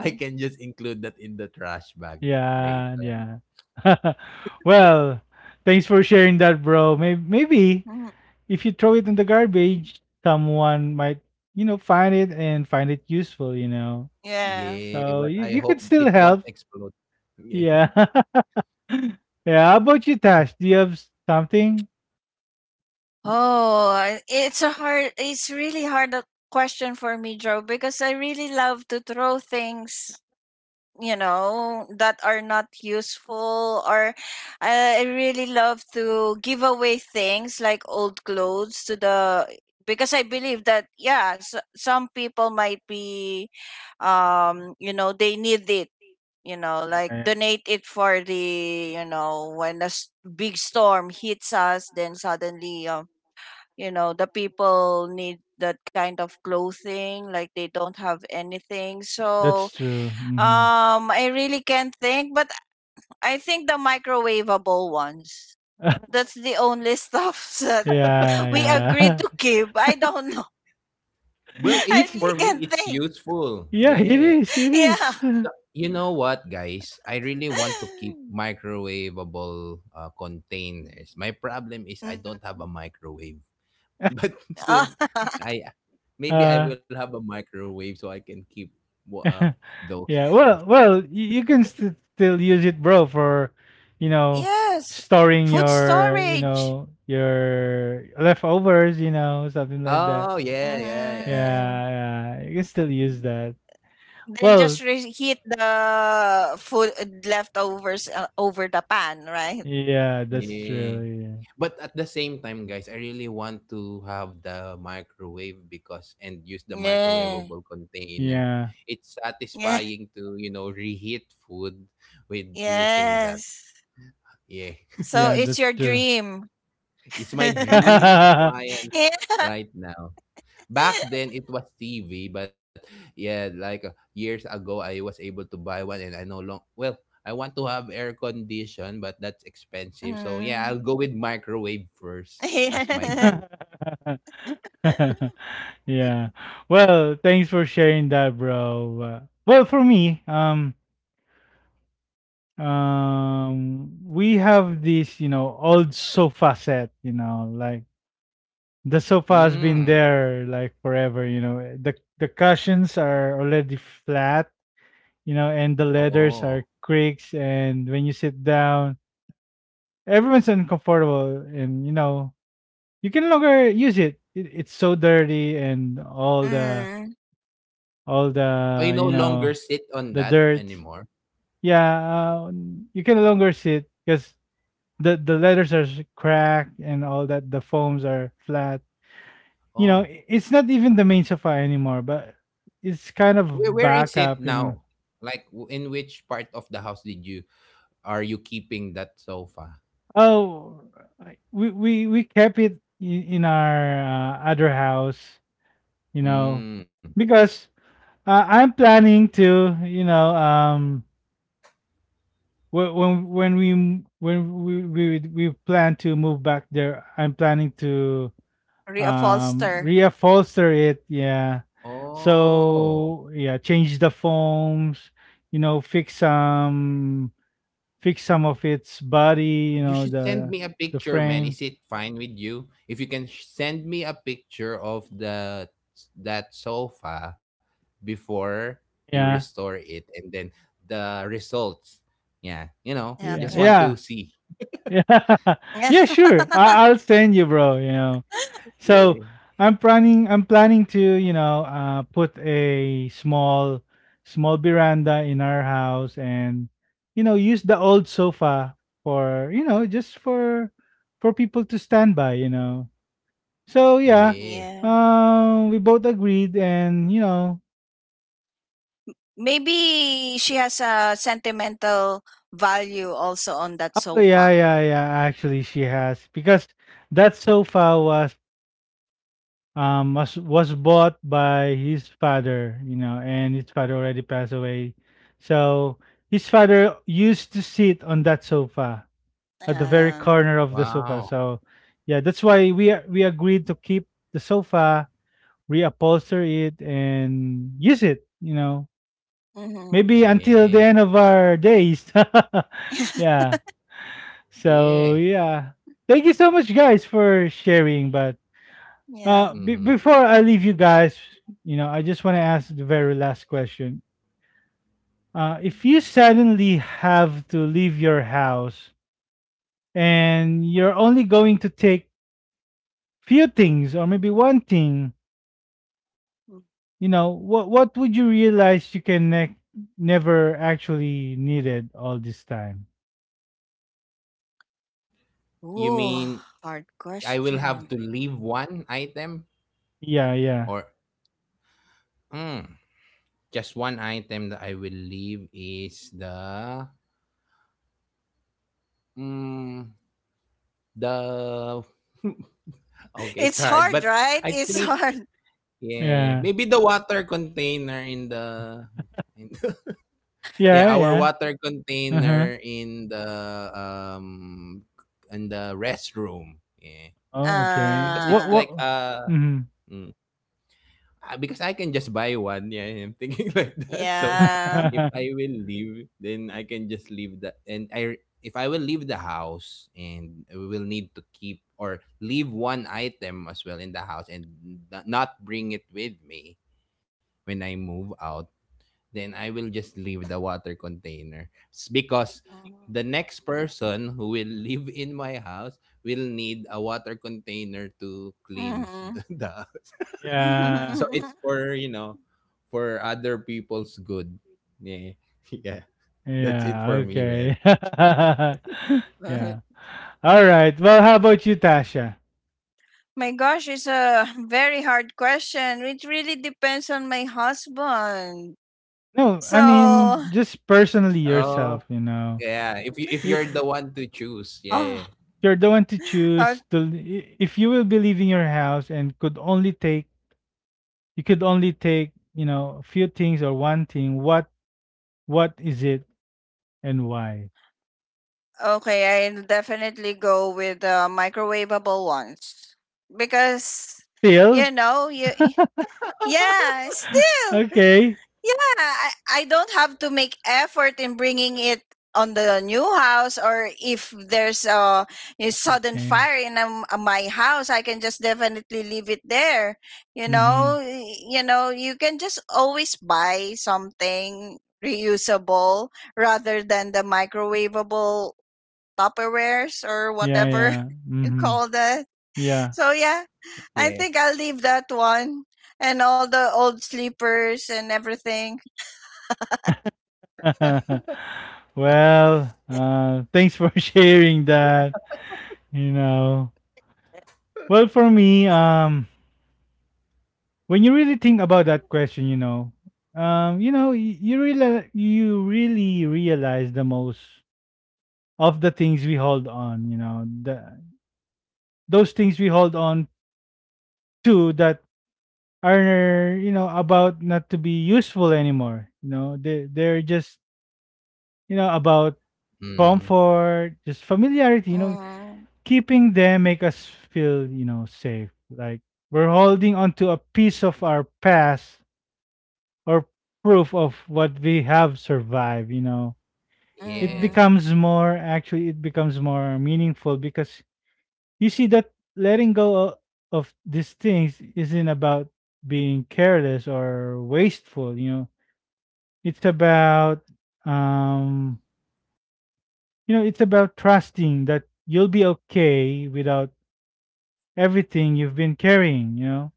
I can just include that in the trash bag yeah, later. yeah. Yeah. Well, thanks for sharing that, bro. Maybe, maybe Hmm. if you throw it in the garbage, someone might, you know, find it and find it useful, you know. Yeah. Yeah, but So I you hope could it still won't help. explode. Yeah. Yeah. Yeah. How about you, Tash? Do you have something? Oh, it's a hard, it's really hard a question for me, Joe, because I really love to throw things, you know, that are not useful. Or I really love to give away things like old Mhm. clothes to the, because I believe that, yeah, s some people might be, you know, they need it, you know, Yeah, like yeah. donate it for the, you know, when a big storm hits us, then suddenly, you know, the people need that kind of clothing, like they don't have anything. So That's true. Hmm. I really can't think, but I think the microwavable ones. That's the only stuff that we Yeah, agreed yeah. to keep. I don't know. Well, I it really This, for can't me it's think. useful. yeah, it Yeah. is. It Yeah. is. The- You know what, guys? I really want to keep microwavable containers. My problem is I don't Mm. have a microwave. But Ah, soon, I maybe I Uh, will have a microwave so I can keep wa- uh, those as yeah. well. Well, well, you can still use it, bro, for, you know, yes. storing Food your, you storage. know, your leftovers, you know, something like that. Oh yeah, yeah, yeah, Mm. Yeah, yeah. You can still use that. Then Well, just reheat the food, leftovers, over the pan, right? yeah, that's yeah. true. But at the same time, guys, I really want to have the microwave because and use the Yeah. microwavable Yeah, container. yeah, It's Yeah. satisfying to, you know, reheat food with using that. Yes. Yeah. So yeah. it's That's your true. dream. It's my dream appliance Yeah. right now. Back then it was TV, but yeah, like years ago I was able to buy one and I no long well, I want to have air condition, but that's expensive. So yeah, I'll go Mm. with microwave first as my Yeah. goal. yeah. Well, thanks for sharing that, bro. Well, for me, we have this old sofa set, like the sofa has been Mm. there like forever, you know. Eh, The cushions are already flat, you know, and the leathers Oh. are creaks, and when you sit down everyone's uncomfortable, and you know you can no longer use it. It's so dirty and all the Mm. all I the no you longer know sit on that dirt. anymore. yeah uh, you can no longer sit because the letters are cracked and all that. The foams are flat. You know, Oh. It's not even the main sofa anymore, but it's kind of Where is it backup, you know. now? Like in which part of the house did you are you keeping that sofa? Oh, we kept it in our other house. You know, Mm. because I'm planning to. You know, wh- when we m- when we plan to move back there, I'm planning to Reupholster. reupholster it, yeah. Oh, So yeah, change the foams, you know, fix some of its body, you you know, should send me a the picture, man. frame. Is it fine with you if you can send me a picture of the that sofa before you Yeah, restore it, and then the results? Yeah, you know, yeah just want Okay. yeah to see. yeah yeah sure, I'll send you, bro, you know. So Yeah. I'm planning, to, you know, put a small veranda in our house, and you know, use the old sofa for, you know, just for people to stand by, you know. So yeah, Yeah. Yeah. We both agreed and, you know, Maybe she has a sentimental value also on that oh yeah, sofa. yeah, yeah, actually she has, because that sofa was bought by his father, you know, and his father already passed away. So his father used to sit on that sofa at the very Uh, corner of the sofa. Wow. So yeah, that's why we we agreed to keep the sofa, reupholster it, and use it, you know, mhm. maybe until Yeah. the end of our days. Yeah. So Yeah. yeah, thank you so much, guys, for sharing. But Yeah. be Mm-hmm. before I leave you guys, you know, I just want to ask the very last question. If you suddenly have to leave your house and you're only going to take few things or maybe one thing, you know, what would you realize you can never actually needed all this time? You Ooh, mean hard I will have to question. leave one item Yeah, yeah, or mm, just one item that I will leave is the mm, the okay, it's It's hard, hard, but right? I It's think hard. yeah, yeah, maybe the water container in the in- yeah, yeah, our yeah. water Uh huh. container um in the restroom. Yeah. Oh, okay. Because it's What Uh, what? like Mm-hmm. Because I can just buy one. Yeah, I'm thinking like that. So yeah. if I will leave, then I can just leave that. And I if I will leave the house and we will need to keep or leave one item as well in the house and not bring it with me when I move out, then I will just leave the water container because the next person who will live in my house will need a water container to clean the, Mhm. the Yeah. so Mhm. it's for, you know, for other people's good. Yeah. Yeah. That's it Yeah, for me, man. okay. Yeah. Alright, well, how about you, Tasha? My gosh, it's a very hard question. It really depends on my husband. No, I mean, So, just personally yourself, Oh, you know. yeah. If you if you're I, the one to choose, oh, yeah. you're the one to choose o- to, I if you will be leaving your house and could only take, you could only take, you know, a few things or one thing, what is it, and why? okay, I'll definitely go with the microwavable ones because, you Still? know, you, yeah, still. Okay. Yeah, I don't have to make effort in bringing it on the new house, or if there's a sudden Okay. fire in, my house, I can just definitely leave it there, you Mhm. know. You know, you can just always buy something reusable rather than the microwavable tupperwares or Yeah, whatever yeah. you Mhm. call that. Yeah. So yeah, I Yeah. think I'll leave that one, and all the old sleepers and everything. Well, thanks for sharing that. You know, well, for me, when you really think about that question, you know, you know, you really, realize the most of the things we hold on. You know, the those things we hold on to that are, you know, about not to be useful anymore. You know, they're just, you know, about Hmm. comfort, just familiarity. You know, Mhm. keeping them make us feel, you know, safe. Like we're holding onto a piece of our past, or proof of what we have survived, you know. It Yeah. Mhm. becomes more, actually it becomes more meaningful because you see that letting go of these things isn't about being careless or wasteful, you know. It's about um you know, it's about trusting that you'll be okay without everything you've been carrying, you know.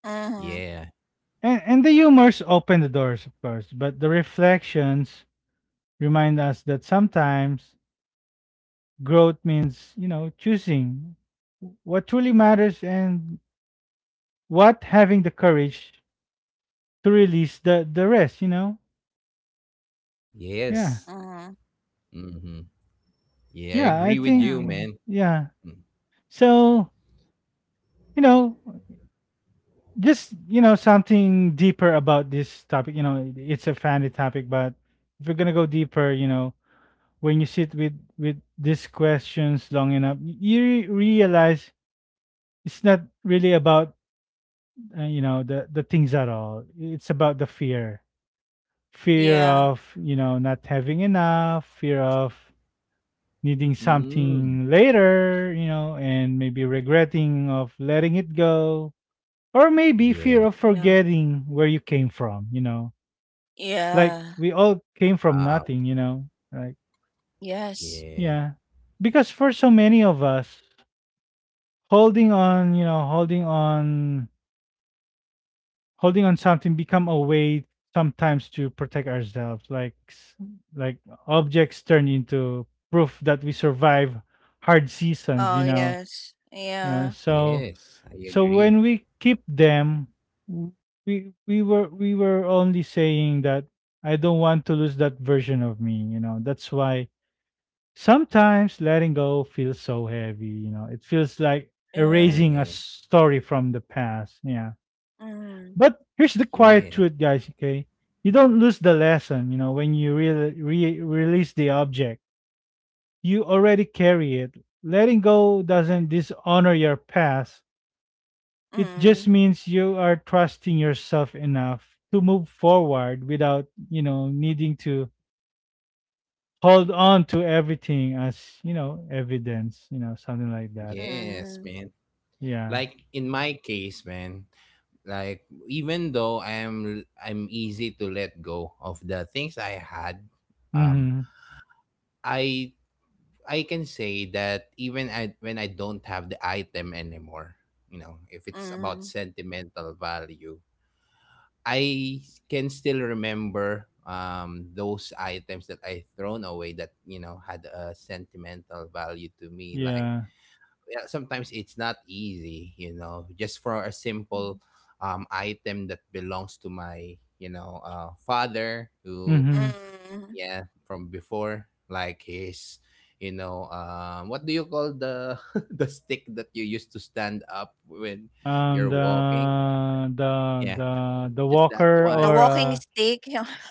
Mhm. Yeah. And the humors open the doors, of course, but the reflections remind us that sometimes growth means, you know, choosing what truly matters, and what having the courage to release the rest, you know? Mhm. Yeah. Yes. Hmm. Yeah, I Yeah, Yeah, I agree with you, think, man. yeah. So, you know, just, you know, something deeper about this topic. You know, it's a funny topic, but if we're going to go deeper, you know, when you sit with these questions long enough, you realize it's not really about, you know, the things at all. It's about the fear, yeah, of, you know, not having enough, fear of needing Mm. something later, you know, and maybe regretting of letting it go, or maybe fear Yeah. of yeah, forgetting where you came from, you know, like yeah. we all came from Wow. nothing, you know. Like, Yes. Yeah. yeah, because for so many of us, holding on, you know, holding on something become a way sometimes to protect ourselves. Like, like objects turn into proof that we survive hard Oh, seasons. You know, yes. Yeah, So, Yes, I so agree. when we keep them, w- we were only saying that I don't want to lose that version of me. You know, that's why sometimes letting go feels so heavy, you know, it feels like yeah. erasing a Yeah. story from the past. Yeah. Mm. But here's the quiet Yeah. truth, guys, okay? You don't lose the lesson, you know, when you release the object. You already carry it. Letting go doesn't dishonor your past. It Mm. just means you are trusting yourself enough to move forward without, you know, needing to hold on to everything as, you know, evidence, you know, something like that. Yes, Mm. man. Yeah. Like in my case, man, like even though I'm easy to let go of the things I had, um, Mhm. I I can say that even I, when I don't have the item anymore, you know, if it's about Mm. sentimental value, I can still remember those items that I thrown away that, you know, had a sentimental value to me. Like Yeah. yeah, sometimes it's not easy, you know, just for a simple item that belongs to my, you know, father who, Mhm. Mm. yeah, from before, like his, you know, what do you call the the stick that you used to stand up when you're walking? What- the the Yeah, the the just that walker The one. or walking uh, stick.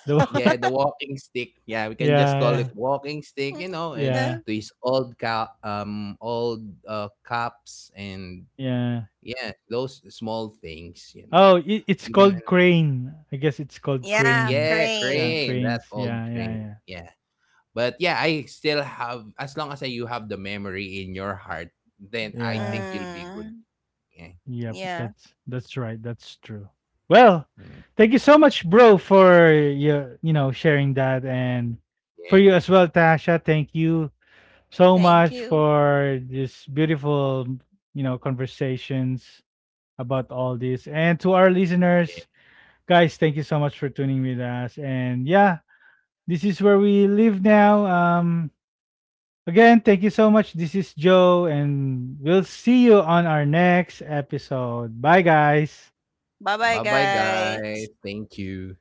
the wa- Yeah, the walking stick. Yeah, we can just yeah call yeah it walking stick, you know, and yeah Yeah. to his old old cups and yeah yeah, those small things, you know. Oh, it, it's Even called when, crane. I guess it's called Yeah, yeah, cranes. Yeah, crane. crane, that cranes. old Yeah, crane. yeah, yeah, Yeah. But yeah, I still have as long as I, you have the memory in your heart, then I yeah. think you'll be good. Mm, Yeah. Yep. yeah. That's right. That's true. Well, Mm. thank you so much, bro, for your, you know, sharing that, and Yeah. for you as well, Tasha. Thank you so Thank much you. for this beautiful, you know, conversations about all this. And to our Yeah. listeners, guys, thank you so much for tuning with us. And yeah, this is where we live now. Again, thank you so much. This is Joe, and we'll see you on our next episode. Bye, guys. Bye bye, Bye bye guys. guys. Thank you.